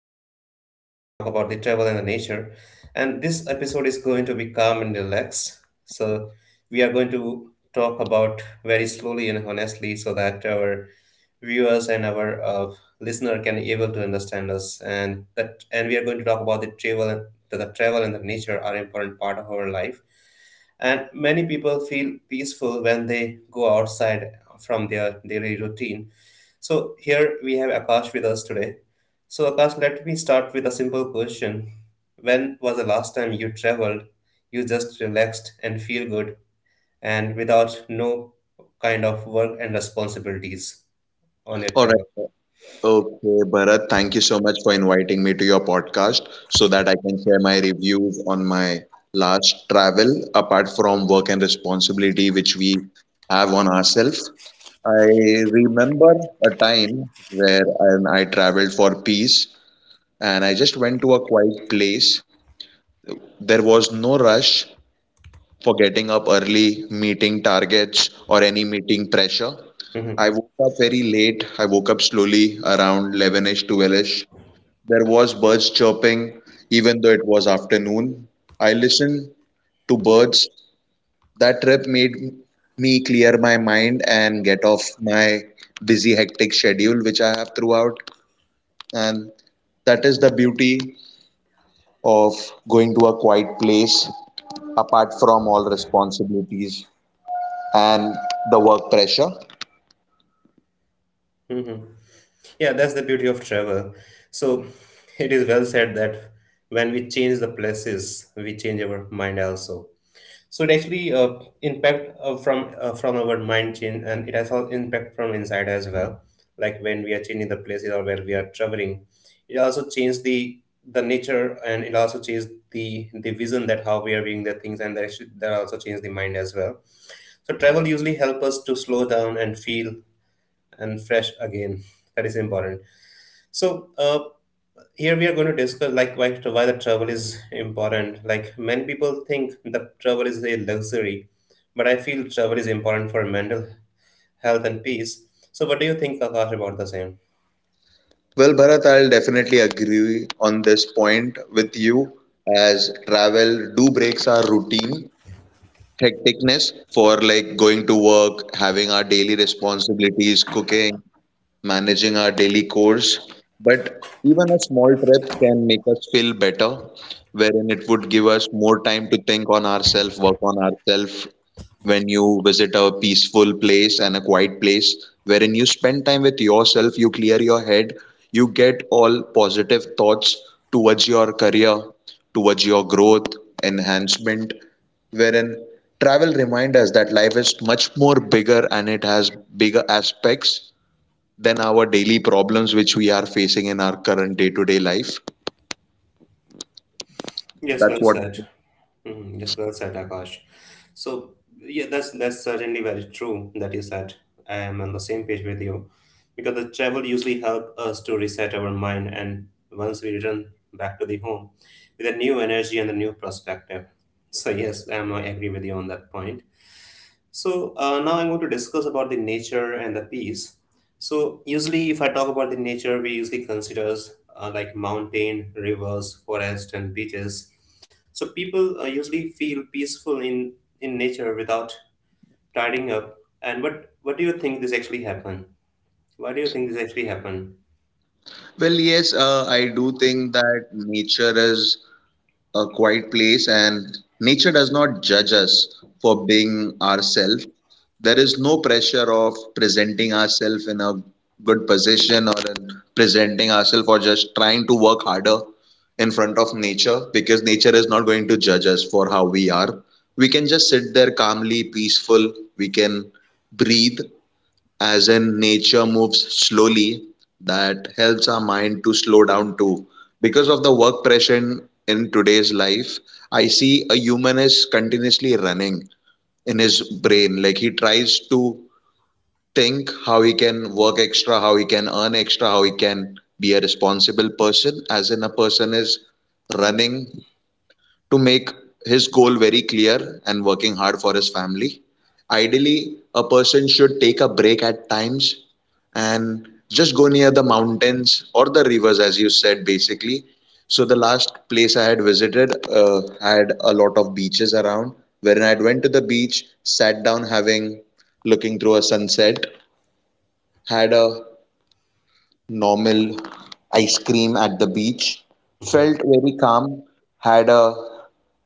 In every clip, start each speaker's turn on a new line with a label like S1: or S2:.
S1: podcast. Today we are going to talk about the travel and the nature. And this episode is going to be calm and relaxed. So we are going to talk about very slowly and honestly so that our viewers and our listener can able to understand us and that and we are going to talk about the travel and the travel and the nature are important part of our life, and many people feel peaceful when they go outside from their daily routine. So here we have Akash with us today. So Akash, let me start with a simple question. When was the last time you traveled? You just relaxed and feel good and without no kind of work and responsibilities on your
S2: All
S1: travel.
S2: right. Okay, Bharat, thank you so much for inviting me to your podcast so that I can share my reviews on my last travel apart from work and responsibility which we have on ourselves. I remember a time where I traveled for peace and I just went to a quiet place. There was no rush for getting up early, meeting targets, or any meeting pressure. I
S1: Mhm.
S2: woke up very late. I woke up slowly around 11ish, 12ish. There was birds chirping, even though it was afternoon. I listened to birds. That trip made me clear my mind and get off my busy, hectic schedule, which I have throughout. And that is the beauty of going to a quiet place apart from all responsibilities and the work pressure.
S1: Mhm. Yeah, that's the beauty of travel. So it is well said that when we change the places, we change our mind also. So it actually impact from our mind change, and it has also impact from inside as well. Like when we are changing the places or where we are traveling, it also changes the nature, and it also changes the vision that how we are viewing the things, and that actually that also changes the mind as well. So travel usually help us to slow down and feel and fresh again. That is important. So here we are going to discuss like why the travel is important. Like many people think that travel is a luxury, but I feel travel is important for mental health and peace. So what do you think, Akash, about the same?
S2: Well, Bharat, I'll definitely agree on this point with you as travel do breaks our routine hecticness for like going to work, having our daily responsibilities, cooking, managing our daily chores. But even a small trip can make us feel better, wherein it would give us more time to think on ourselves, work on ourselves. When you visit a peaceful place and a quiet place, wherein you spend time with yourself, you clear your head, you get all positive thoughts towards your career, towards your growth, enhancement, wherein travel reminds us that life is much more bigger and it has bigger aspects than our daily problems which we are facing in our current day-to-day life.
S1: Yes,
S2: That's
S1: well
S2: what I
S1: said.
S2: think.
S1: Hmm. Yes, well said, Akash. So yeah, that's certainly very true that you said. I am on the same page with you, because the travel usually help us to reset our mind, and once we return back to the home with a new energy and a new perspective. So yes, I agree with you on that point. So now I'm going to discuss about the nature and the peace. So usually, if I talk about the nature, we usually considers like mountain, rivers, forest, and beaches. So people usually feel peaceful in nature without tidying up. And what do you think this actually happened? Why do you think this actually happened?
S2: Well, yes, I do think that nature is a quiet place and nature does not judge us for being ourselves. There is no pressure of presenting ourselves in a good position or in presenting ourselves or just trying to work harder in front of nature, because nature is not going to judge us for how we are. We can just sit there calmly peaceful. We can breathe, as in nature moves slowly. That helps our mind to slow down too. Because of the work pressure in today's life, I see a human is continuously running in his brain. Like he tries to think how he can work extra, how he can earn extra, how he can be a responsible person, as in a person is running to make his goal very clear and working hard for his family. Ideally, a person should take a break at times and just go near the mountains or the rivers, as you said, basically. So, the last place I had visited had a lot of beaches around, wherein I went to the beach, sat down having looking through a sunset, had a normal ice cream at the beach. Felt very calm, had a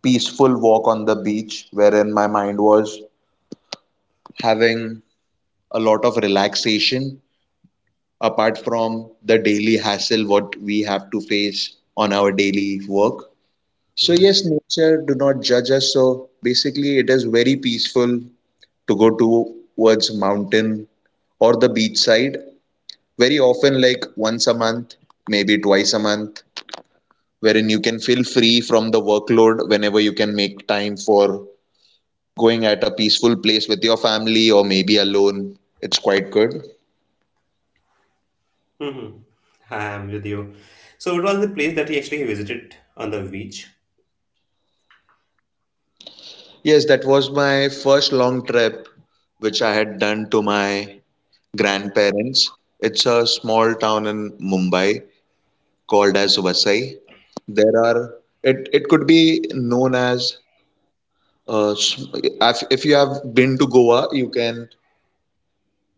S2: peaceful walk on the beach wherein my mind was having a lot of relaxation apart from the daily hassle what we have to face on our daily work. So
S1: Mhm.
S2: yes, nature do not judge us. So basically it is very peaceful to go towards mountain or the beach side very often, like once a month, maybe twice a month, wherein you can feel free from the workload whenever you can make time for going at a peaceful place with your family or maybe alone. It's quite good.
S1: Mhm. I am with you. So it was the place that he actually visited on the beach.
S2: Yes, that was my first long trip which I had done to my grandparents. It's a small town in Mumbai called as Vasai. There are it could be known as uh, s- if you have been to Goa, you can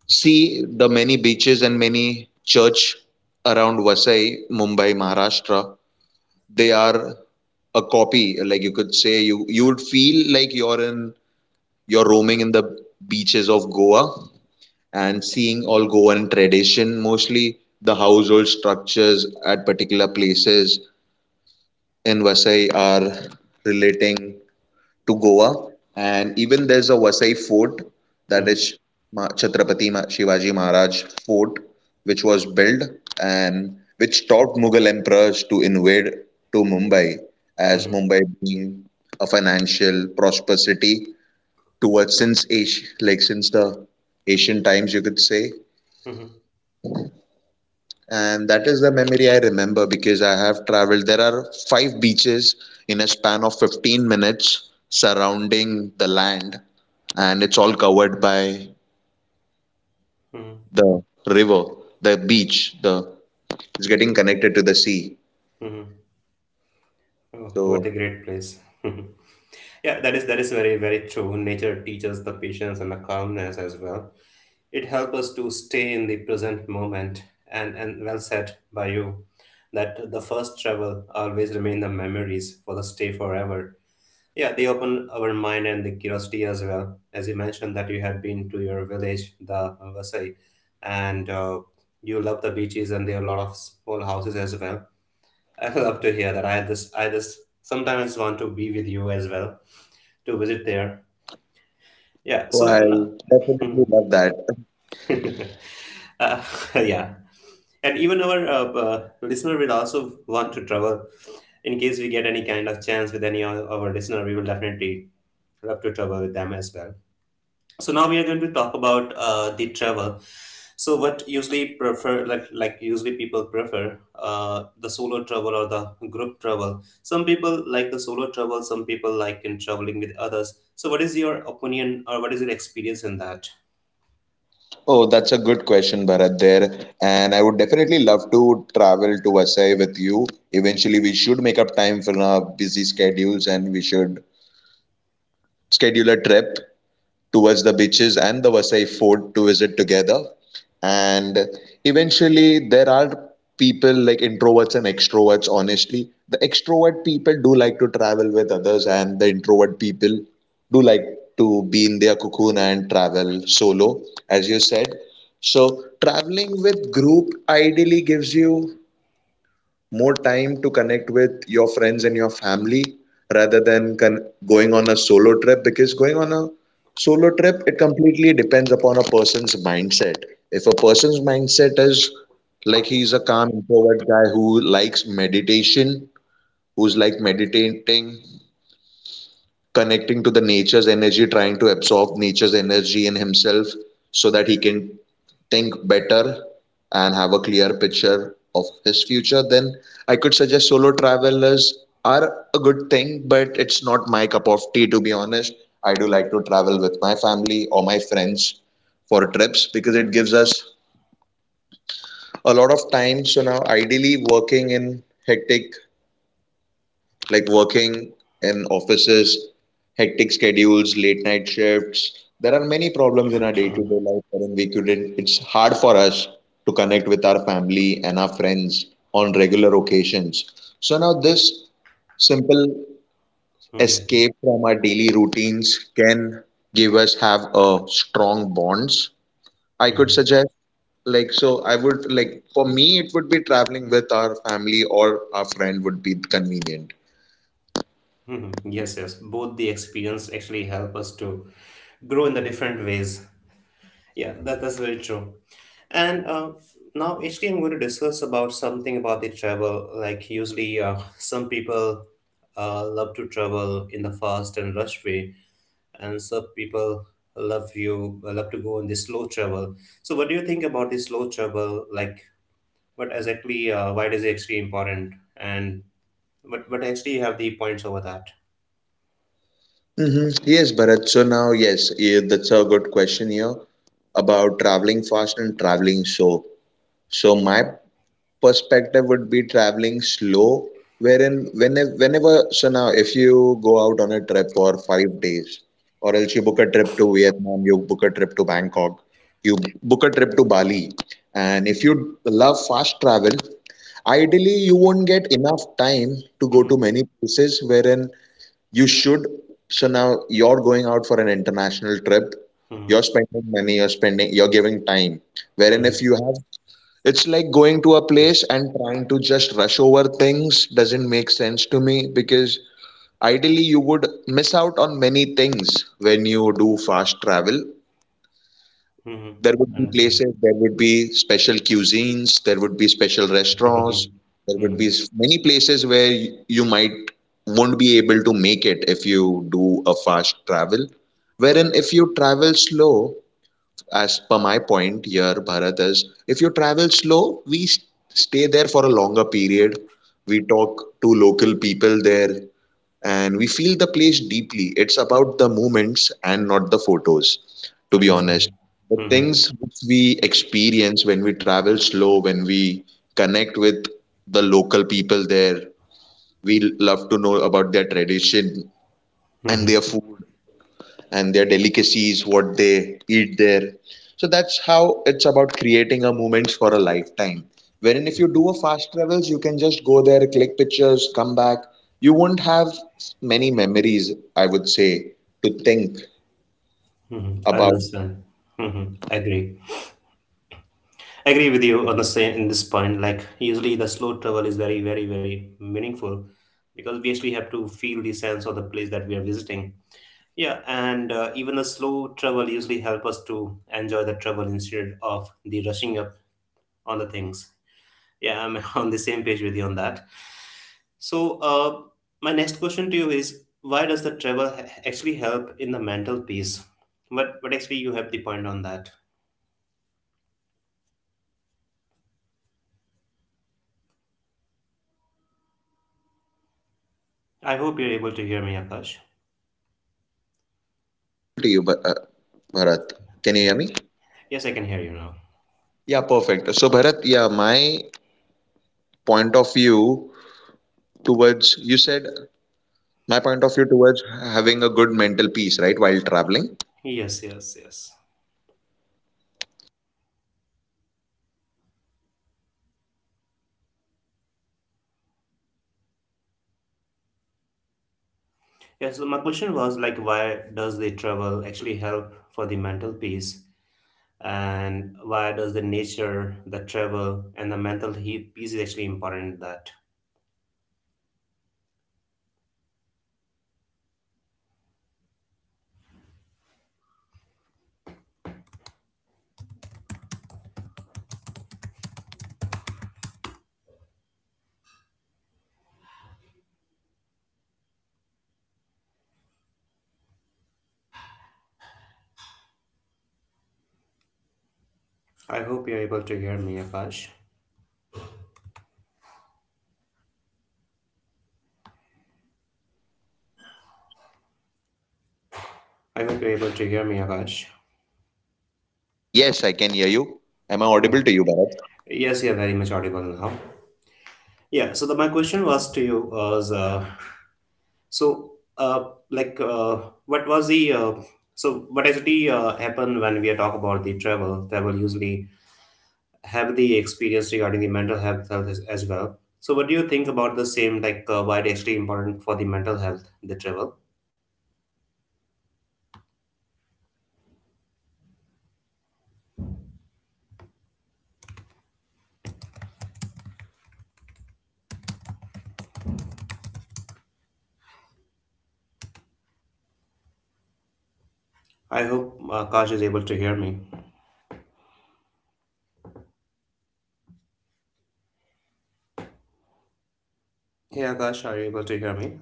S2: see the many beaches and many church around Vasai, Mumbai, Maharashtra. They are a copy. Like you could say, you would feel like you're roaming in the beaches of Goa and seeing all Goan tradition. Mostly the household structures at particular places in Vasai are relating to Goa, and even there's a Vasai fort that
S1: Mm-hmm.
S2: is Chhatrapati Shivaji Maharaj fort, which was built and which taught Mughal emperors to invade to Mumbai, as
S1: Mm-hmm.
S2: Mumbai being a financial prosperous city towards since Asia, like since the ancient times, you could say.
S1: Mm-hmm.
S2: And that is the memory I remember because I have traveled. There are five beaches in a span of 15 minutes surrounding the land, and it's all covered by
S1: Mm-hmm.
S2: the river, the beach, the it's getting connected to the sea.
S1: Mm-hmm. Oh, what
S2: So
S1: a great place. Yeah, that is very very true. Nature teaches the patience and the calmness as well. It helps us to stay in the present moment, and well said by you that the first travel always remain the memories for the stay forever. Yeah, they open our mind and the curiosity as well. As you mentioned that you had been to your village, the Vasai, and you love the beaches and there are a lot of small houses as well. I love to hear that. I just sometimes want to be with you as well to visit there. Yeah.
S2: oh,
S1: So,
S2: I
S1: but
S2: definitely love that.
S1: uh, yeah, and even our listener will also want to travel. In case we get any kind of chance with any of our listener, we will definitely love to travel with them as well. So now we are going to talk about the travel. So what usually prefer like usually people prefer the solo travel or the group travel. Some people like the solo travel. Some people like in traveling with others. So what is your opinion or what is your experience in that?
S2: Oh, that's a good question, Bharat, there. And I would definitely love to travel to Vasai with you. Eventually, we should make up time for our busy schedules and we should schedule a trip towards the beaches and the Vasai fort to visit together. And eventually, there are people like introverts and extroverts, honestly. The extrovert people do like to travel with others, and the introvert people do like to be in their cocoon and travel solo, as you said. So, traveling with group ideally gives you more time to connect with your friends and your family rather than going on a solo trip, because going on a solo trip it completely depends upon a person's mindset. If a person's mindset is like he's a calm introvert guy who likes meditation, who's like meditating, connecting to the nature's energy, trying to absorb nature's energy in himself so that he can think better and have a clear picture of his future, then I could suggest solo travelers are a good thing, but it's not my cup of tea, to be honest. I do like to travel with my family or my friends for trips because it gives us a lot of time. So now, ideally, working in hectic, like working in offices, hectic schedules, late night shifts. There are many problems in our day-to-day life wherein we couldn't, it's hard for us to connect with our family and our friends on regular occasions. So now this simple
S1: Mhm,
S2: escape from our daily routines can give us have a strong bonds. I could
S1: mhm,
S2: suggest, like so I would like, for me it would be traveling with our family or our friend would be convenient.
S1: mhm. Yes, yes. Both the experience actually help us to grow in the different ways. Yeah, that's very true. And now, actually, I'm going to discuss about something about the travel. Like usually, some people love to travel in the fast and rush way, and some people love to go in the slow travel. So, what do you think about the slow travel? Like, what exactly? Why is it actually important? And what actually you have the points over that?
S2: Hmm. Yes, Bharat. So now, yes, yeah, that's a good question here about traveling fast and traveling slow. So my perspective would be traveling slow, wherein so now if you go out on a trip for 5 days, or else you book a trip to Vietnam, you book a trip to Bangkok, you book a trip to Bali, and if you love fast travel, ideally you won't get enough time to go
S1: Mm-hmm.
S2: to many places wherein you should. So now you're going out for an international trip.
S1: Mm-hmm.
S2: You're spending money, you're spending, you're giving time. Wherein if
S1: Mm-hmm.
S2: you have, it's like going to a place and trying to just rush over things doesn't make sense to me because ideally you would miss out on many things when you do fast travel.
S1: Mm-hmm.
S2: There would be
S1: Understand.
S2: places, there would be special cuisines, there would be special restaurants, there would be
S1: Mm-hmm.
S2: many places where you might won't be able to make it if you do a fast travel. Wherein if you travel slow, as per my point here, Bharat is, if you travel slow, stay there for a longer period. We talk to local people there and we feel the place deeply. It's about the moments and not the photos, to be honest.
S1: Understand.
S2: The
S1: Mm-hmm.
S2: things which we experience when we travel slow, when we connect with the local people there, we love to know about their tradition and
S1: Mm-hmm.
S2: their food and their delicacies, what they eat there. So that's how it's about creating a moment for a lifetime. Wherein if you do a fast travels, you can just go there, click pictures, come back. You won't have many memories, I would say, to think
S1: Mm-hmm.
S2: about
S1: Understand. Mm-hmm. Agree. Agree with you on the same in this point. Like usually the slow travel is very, very, very meaningful because we actually have to feel the sense of the place that we are visiting. Yeah, and even the slow travel usually help us to enjoy the travel instead of the rushing up on the things. Yeah, I'm on the same page with you on that. So, my next question to you is why does the travel actually help in the mental peace? What actually you have the point on that? I hope you're able to hear me, Akash.
S2: to you, Bharat. Can you
S1: Yeah.
S2: hear me?
S1: Yes, I can hear you now.
S2: Yeah, perfect. So, Bharat, yeah, point of view towards you said my point of view towards having a good mental peace, right, while traveling.
S1: Yes, yes, yes. Yes, so my question was like why does the travel actually help for the mental peace? And why does the nature, the travel, and the mental peace is actually important in that? I hope you're able to hear me, Akash. I hope you're able to hear me, Akash.
S2: Yes, I can hear you. Am I
S1: Yeah.
S2: audible to you, Bharat?
S1: Yes, you're very much audible now. Yeah, so my question was to you was so like what was the so what actually happen when we talk about the travel? Travel usually have the experience regarding the mental health as well. So what do you think about the same? Like why it actually important for the mental health the travel? I hope Akash is able to hear me. Hey Akash, are you able to hear me?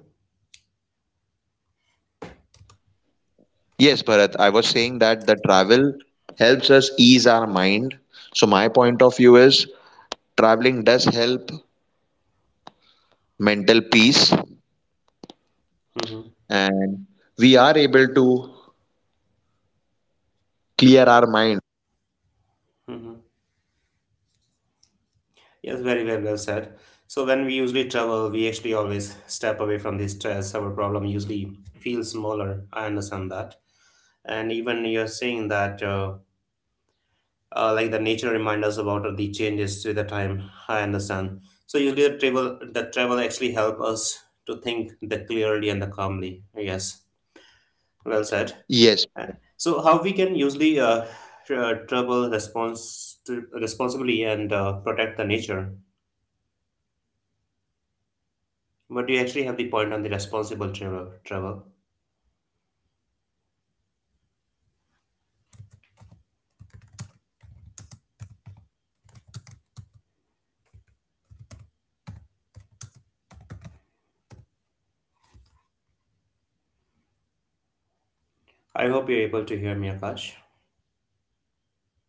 S2: Yes, Bharat, I was saying that the travel helps us ease our mind. So my point of view is traveling does help mental peace
S1: Mm-hmm.
S2: and we are able to clear our mind.
S1: Mm-hmm. Yes, very well said. So when we usually travel, we actually always step away from the stress. Our problem usually feels smaller. I understand that. And even you're saying that, like the nature reminds us about the changes with the time. I understand. So usually the travel actually help us to think the clearly and the calmly. Yes, well
S2: Yes,
S1: said. So how we can usually travel responsibly and protect the nature? But you actually have the point on the responsible travel. I hope you're able to hear me, Akash.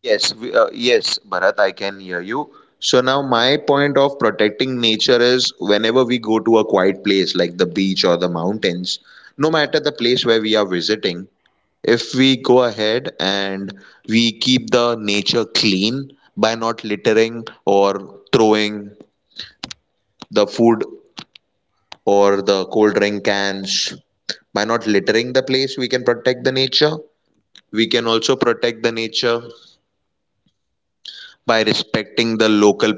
S2: yes, yes, Bharat, I can hear you. So now my point of protecting nature is whenever we go to a quiet place like the beach or the mountains, no matter the place where we are visiting, if we go ahead and we keep the nature clean by not littering or throwing the food or the cold drink cans, by not littering the place, we can protect the nature. We can also protect the nature by respecting the local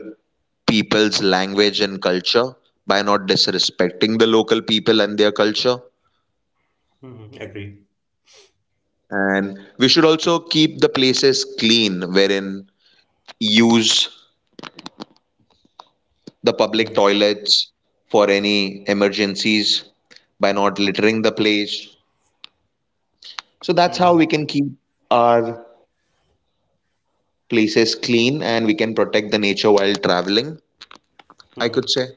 S2: people's language and culture, by not disrespecting the local people and their culture.
S1: Hmm. Agree.
S2: And we should also keep the places clean wherein use the public toilets for any emergencies by not littering the place. So that's how
S1: Hmm.
S2: we can keep our places clean and we can protect the nature while traveling, I
S1: Hmm.
S2: could say.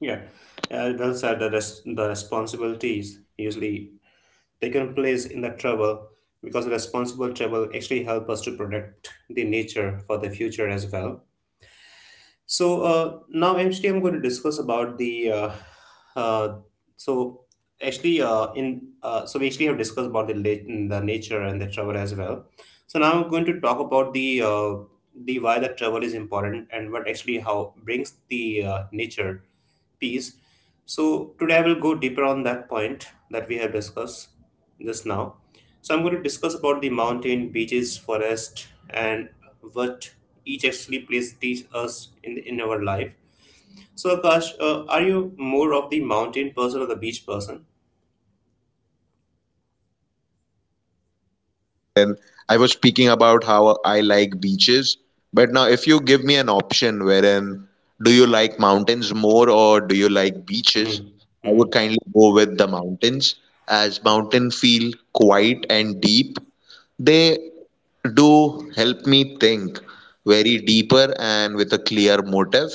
S1: Yeah. Those are the the responsibilities usually taken place in the travel, because responsible travel actually help us to protect the nature for the future as well. So now, actually, I'm going to discuss about the. Uh, so actually, in so we actually have discussed about the nature and the travel as well. So now I'm going to talk about the why the travel is important, and what actually how brings the nature piece. So today I will go deeper on that point that we have discussed just now. So I'm going to discuss about the mountain, beaches, forest, and what each actually place teach us in our life. So Akash, are you more of the mountain person or the beach person?
S2: I was speaking about how I like beaches, but now if you give me an option wherein do you like mountains more or do you like beaches,
S1: Hmm.
S2: I
S1: Hmm.
S2: would kindly go with the mountains as mountains feel quiet and deep. They do help me think very deeper and with a clear motive.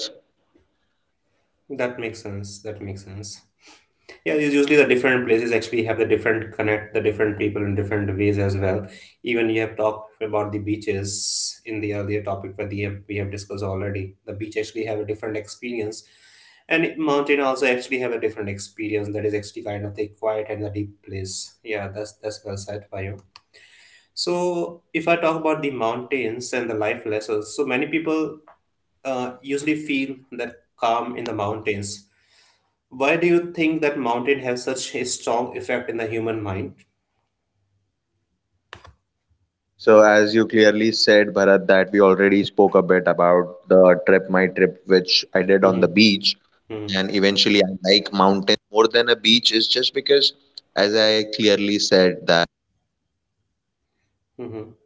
S1: That makes sense. That makes sense. Yeah, it's usually the different places actually have the different connect the different people in different ways as well. Even you have talked about the beaches in the earlier topic where we have discussed already. The beach actually have a different experience, and mountain also actually have a different experience that is actually kind of the quiet and the deep place. Yeah, that's well said by you. So if I talk about the mountains and the life lessons, so many people usually feel that calm in the mountains. Why do you think that mountain have such a strong effect in the human mind?
S2: So, as you clearly said, Bharat, that we already spoke a bit about the trip, my trip, which I did on the
S1: Mhm,
S2: beach.
S1: mhm,
S2: And eventually I like mountains more than a beach is just because, as I clearly said, that
S1: mhm,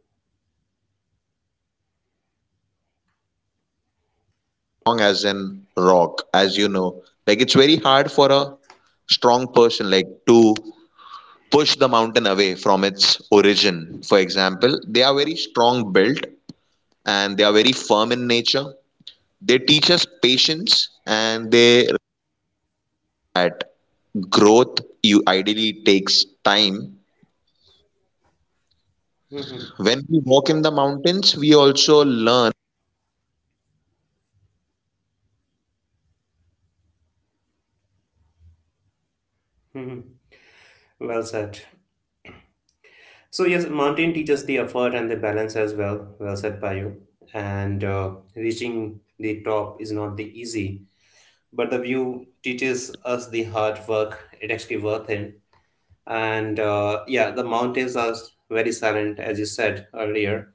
S2: strong as in rock, as you know, like it's very hard for a strong person like to push the mountain away from its origin. For example, they are very strong built and they are very firm in nature. They teach us patience and their growth you ideally takes time.
S1: mhm,
S2: When we walk in the mountains, we also learn.
S1: mhm. Well said. So yes, mountain teaches the effort and the balance as well. Well said by you. And reaching the top is not the easy, but the view teaches us the hard work. It actually worth it. And yeah, the mountains are very silent, as you said earlier,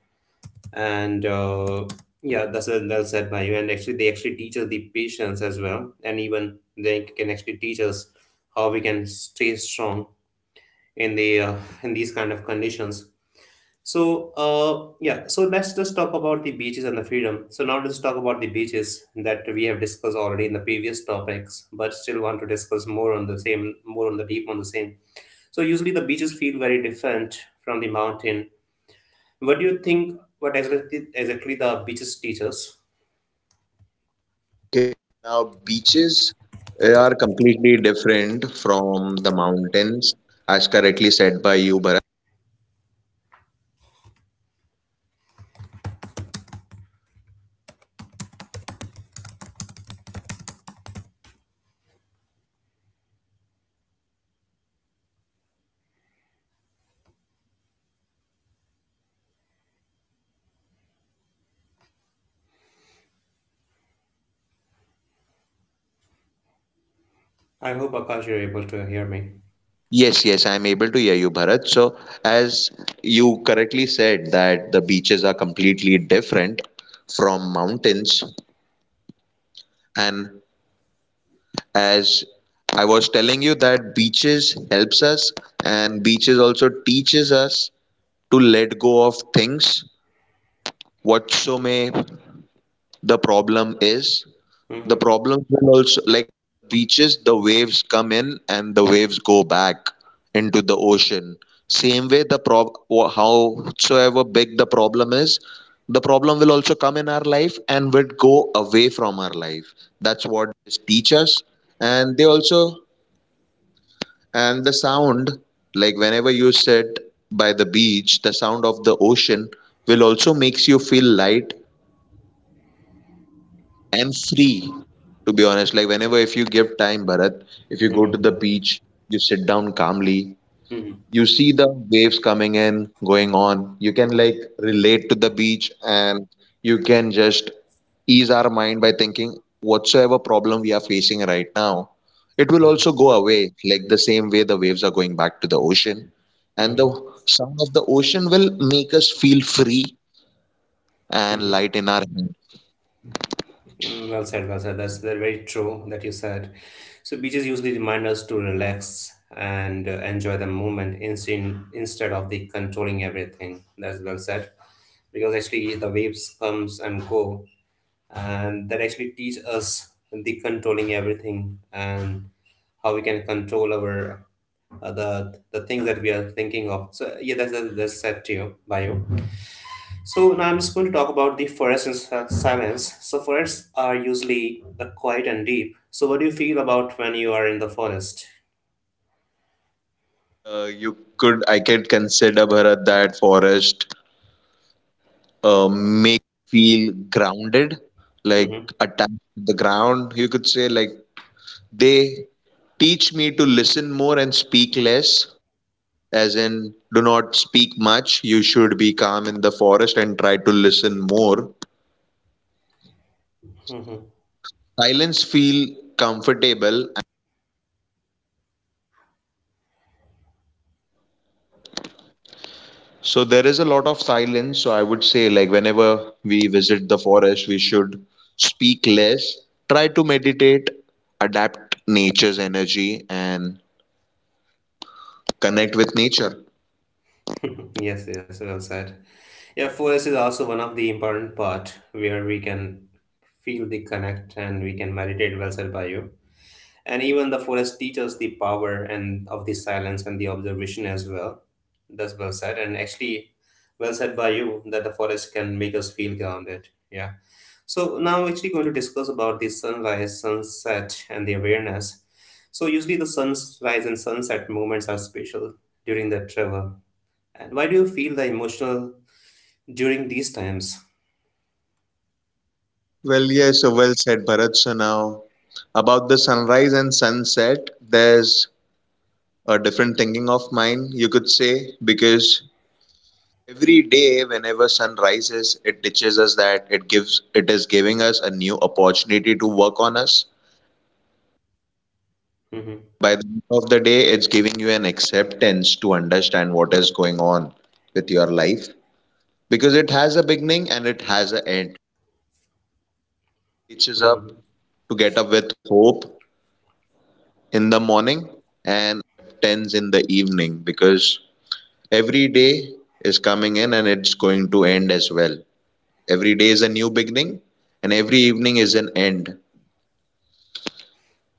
S1: and yeah, well said by you, and actually they actually teach us the patience as well, and even they can actually teach us how we can stay strong in the in these kind of conditions. So yeah, so let's just talk about the beaches and the freedom. So now let's talk about the beaches that we have discussed already in the previous topics, but still want to discuss more on the same, more on the deep on the same. So usually the beaches feel very different from the mountain. What do you think? What exactly the beaches teach us?
S2: Now, beaches, are completely different from the mountains, as correctly said by you, Bharat.
S1: I hope Akash you're able to hear me.
S2: Yes, yes, I am able to hear you, Bharat. So, as you correctly said that the beaches are completely different from mountains, and as I was telling you that beaches helps us, and beaches also teaches us to let go of things, whatso may the problem is. The
S1: Hmm.
S2: problems will also, like beaches, the waves come in and the waves go back into the ocean. Same way, the howsoever big the problem is, the problem will also come in our life and would go away from our life. That's what they teach us. And they also, and the sound, like whenever you sit by the beach, the sound of the ocean will also makes you feel light and free, to be honest. Like, whenever, if you give time, Bharat, if you go to the
S1: Hmm.
S2: beach, you sit down calmly,
S1: Hmm.
S2: you see the waves coming in, going on, you can like relate to the beach, and you can just ease our mind by thinking whatsoever problem we are facing right now, it will also go away, like the same way the waves are going back to the ocean, and the
S1: Hmm.
S2: sound of the ocean will make us feel free and light in our head.
S1: Mm, well said, well said. That's very true that you said. So beaches usually remind us to relax and enjoy the moment instead of the controlling everything. That's well said. Because actually the waves comes and go, and that actually teach us the controlling everything and how we can control our the things that we are thinking of. So yeah, that's set to you by you. So now I'm just going to talk about the forests and silence. So forests are usually quiet and deep. So what do you feel about when you are in the forest?
S2: I could consider, Bharat, that forest make feel grounded, like
S1: Mm-hmm.
S2: attached to the ground. You could say, like, they teach me to listen more and speak less, as in do not speak much. You should be calm in the forest and try to listen more.
S1: Mm-hmm.
S2: Silence feel comfortable. So there is a lot of silence. So I would say, like, whenever we visit the forest, we should speak less, try to meditate, adapt nature's energy, and connect with nature.
S1: Yes, yes, well said. Yeah, forest is also one of the important part where we can feel the connect and we can meditate. Well said by you. And even the forest teaches the power and of the silence and the observation as well. That's well said, and actually well said by you that the forest can make us feel grounded. Yeah, so now we're actually going to discuss about the sunrise sunset and the awareness. So usually the sunrise and sunset moments are special during the travel, and why do you feel the emotional during these times?
S2: Well, yes, so well said, Bharat. So now, about the sunrise and sunset, there's a different thinking of mine, you could say, because every day, whenever sun rises, it teaches us that it gives, it is giving us a new opportunity to work on us.
S1: Hmm.
S2: By the end of the day, it's giving you an acceptance to understand what is going on with your life, because it has a beginning and it has an end. Teaches
S1: Hmm.
S2: up to get up with hope in the morning and acceptance in the evening, because every day is coming in and it's going to end as well. Every day is a new beginning and every evening is an end.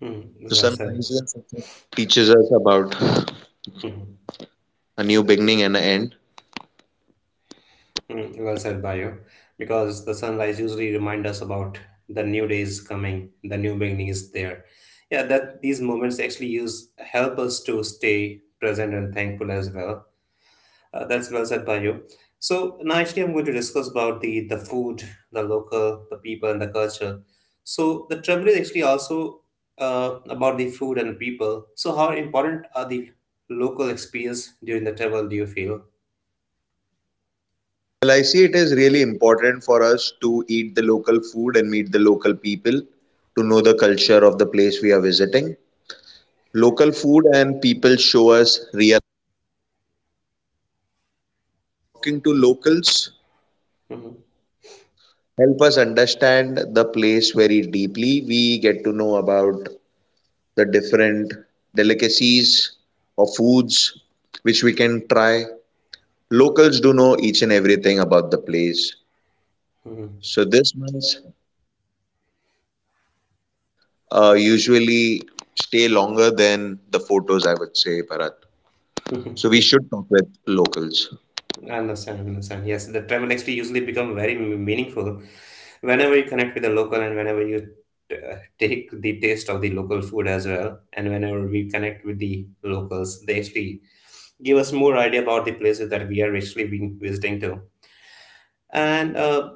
S1: Hmm.
S2: So
S1: Well said.
S2: sunrise and sunset teaches us about
S1: Mhm.
S2: a new beginning and an end.
S1: Mm, well said by you, because the sunrise usually remind us about the new day is coming, the new beginning is there. Yeah, that these moments actually use help us to stay present and thankful as well. That's well said by you. So now actually, I'm going to discuss about the food, the local, the people, and the culture. So the trouble is actually also about the food and people. So how important are the local experience during the travel? Do you feel?
S2: Well, I see it is really important for us to eat the local food and meet the local people to know the culture of the place we are visiting. Local food and people show us real. Talking to locals
S1: Hmm.
S2: help us understand the place very deeply. We get to know about the different delicacies or foods which we can try. Locals do know each and everything about the place.
S1: Hmm.
S2: So this month usually stay longer than the photos, I would say, Bharat. So we should talk with locals.
S1: I understand, I understand. Yes, the travel actually usually become very meaningful whenever you connect with the local and whenever you take the taste of the local food as well. And whenever we connect with the locals, they actually give us more idea about the places that we are actually been visiting to, and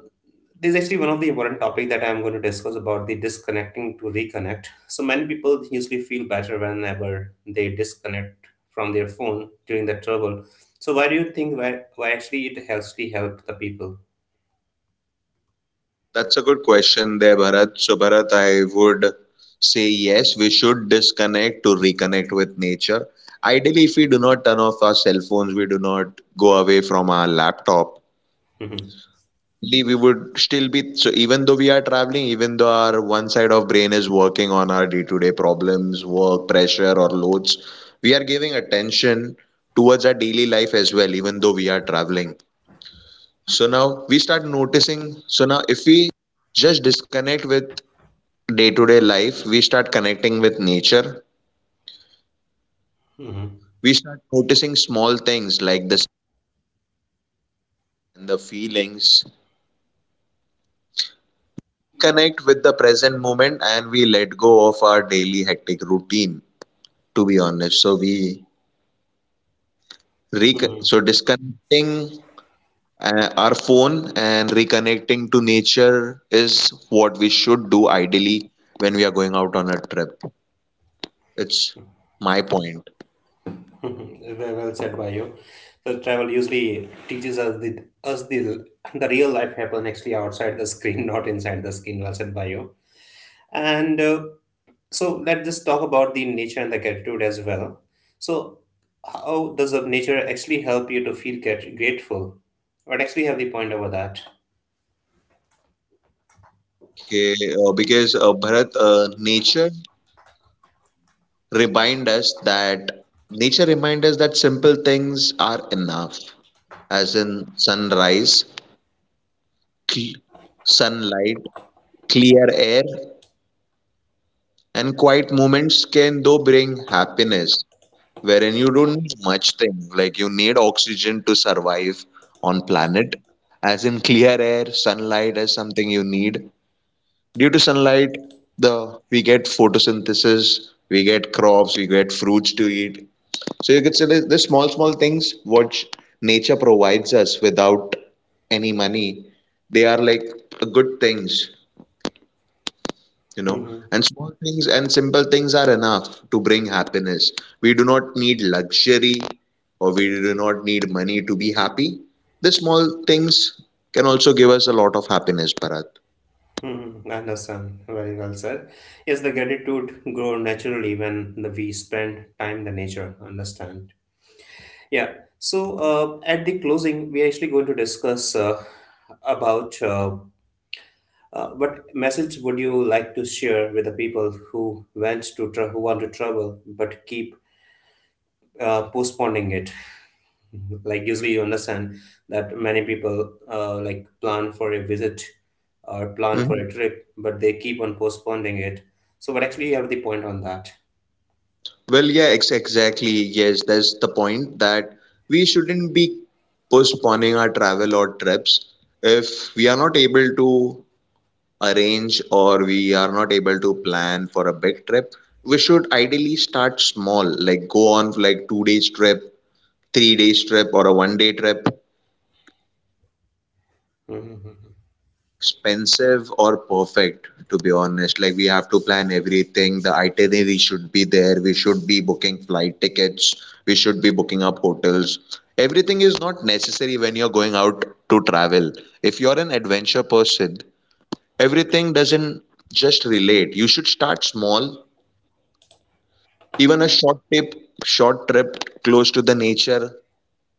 S1: this is actually one of the important topic that I'm going to discuss about the disconnecting to reconnect. So many people usually feel better whenever they disconnect from their phone during the trouble. So why do you think why actually it actually helped the people?
S2: That's a good question there, Bharat. So, Bharat, I would say yes, we should disconnect to reconnect with nature. Ideally, if we do not turn off our cell phones, we do not go away from our laptop
S1: Mhm.
S2: Lee, we would still be. So even though we are traveling, even though our one side of brain is working on our day-to-day problems, work, pressure, or loads, we are giving attention towards our daily life as well, even though we are traveling. So now we start noticing. So now if we just disconnect with day-to-day life, we start connecting with nature.
S1: Mhm.
S2: We start noticing small things like the and the feelings. We connect with the present moment and we let go of our daily hectic routine, to be honest. So we
S1: Mhm.
S2: disconnecting our phone and reconnecting to nature is what we should do ideally when we are going out on a trip. It's my point.
S1: Mhm. Very well said by you. So travel usually teaches us the the real life happen actually outside the screen, not inside the screen. Well said by you. And so let's just talk about the nature and the gratitude as well. So, how does the nature actually help you to feel grateful? What actually have the point over that?
S2: Okay, because Bharat, remind us that nature remind us that simple things are enough, as in sunrise, cl- sunlight, clear air, and quiet moments can though bring happiness, wherein you don't need much thing. Like, you need oxygen to survive on planet, as in clear air, sunlight as something you need. Due to sunlight, the we get photosynthesis, we get crops, we get fruits to eat. So you could say the small small things which nature provides us without any money, they are like good things, you know,
S1: Hmm.
S2: and small things and simple things are enough to bring happiness. We do not need luxury, or we do not need money to be happy. The small things can also give us a lot of happiness, Bharat.
S1: Hmm. I understand. Very well said. Yes, the gratitude grow naturally when the, we spend time in the nature. Understand. Yeah. So at the closing, we're actually going to discuss about what message would you like to share with the people who who want to travel but keep postponing it? Like usually you understand that many people like plan for a visit or plan for
S2: Mhm.
S1: a trip, but they keep on postponing it. So, what actually you have the point on that?
S2: Well, yeah, ex exactly. Yes, that's the point, that we shouldn't be postponing our travel or trips. If we are not able to arrange or we are not able to plan for a big trip, we should ideally start small, like go on like 2 days trip, 3 days trip, or a one day trip.
S1: Mhm.
S2: Expensive or perfect, to be honest, like we have to plan everything, the itinerary should be there, we should be booking flight tickets, we should be booking up hotels, everything is not necessary when you're going out to travel. If you're an adventure person, everything doesn't just relate. You should start small. Even a short trip close to the nature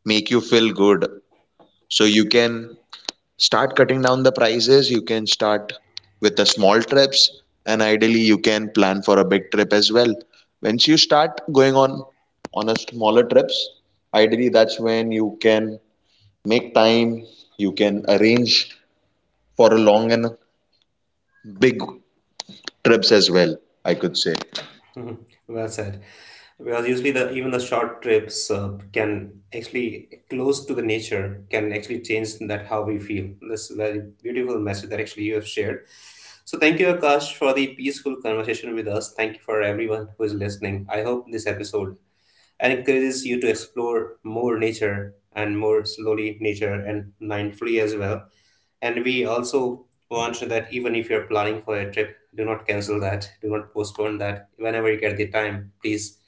S2: make you feel good. So you can start cutting down the prices. You can start with the small trips, and ideally you can plan for a big trip as well. Once you start going on a smaller trips, ideally that's when you can make time. You can arrange for a long and big trips as well, I could say.
S1: Mhm. Well said. Because usually the even the short trips can actually close to the nature can actually change that how we feel. This is a very beautiful message that actually you have shared. So thank you, Akash, for the peaceful conversation with us. Thank you for everyone who is listening. I hope this episode and encourages you to explore more nature and more slowly nature and mindfully as well. And we also want that even if you're planning for a trip, do not cancel that, do not postpone that. Whenever you get the time, please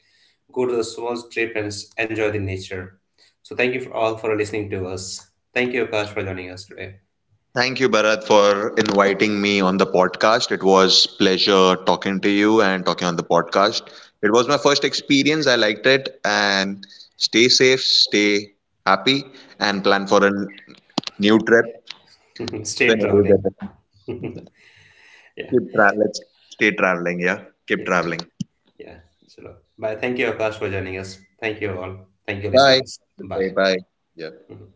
S1: go to the small trip and enjoy the nature. So thank you for all for listening to us. Thank you, Akash, for joining us today.
S2: Thank you, Bharat, for inviting me on the podcast. It was pleasure talking to you and talking on the podcast. It was my first experience. I liked it. And stay safe, stay happy, and plan for a new trip
S1: Stay
S2: whenever you get
S1: traveling.
S2: it.
S1: Yeah,
S2: Keep traveling. Stay traveling. Yeah. Keep
S1: yeah,
S2: traveling.
S1: yeah. So bye. Thank you, Akash, for joining us. Thank you all. Thank you,
S2: Bye. Have
S1: listeners.
S2: a good day.
S1: Bye.
S2: Bye. Yeah.
S1: Mhm.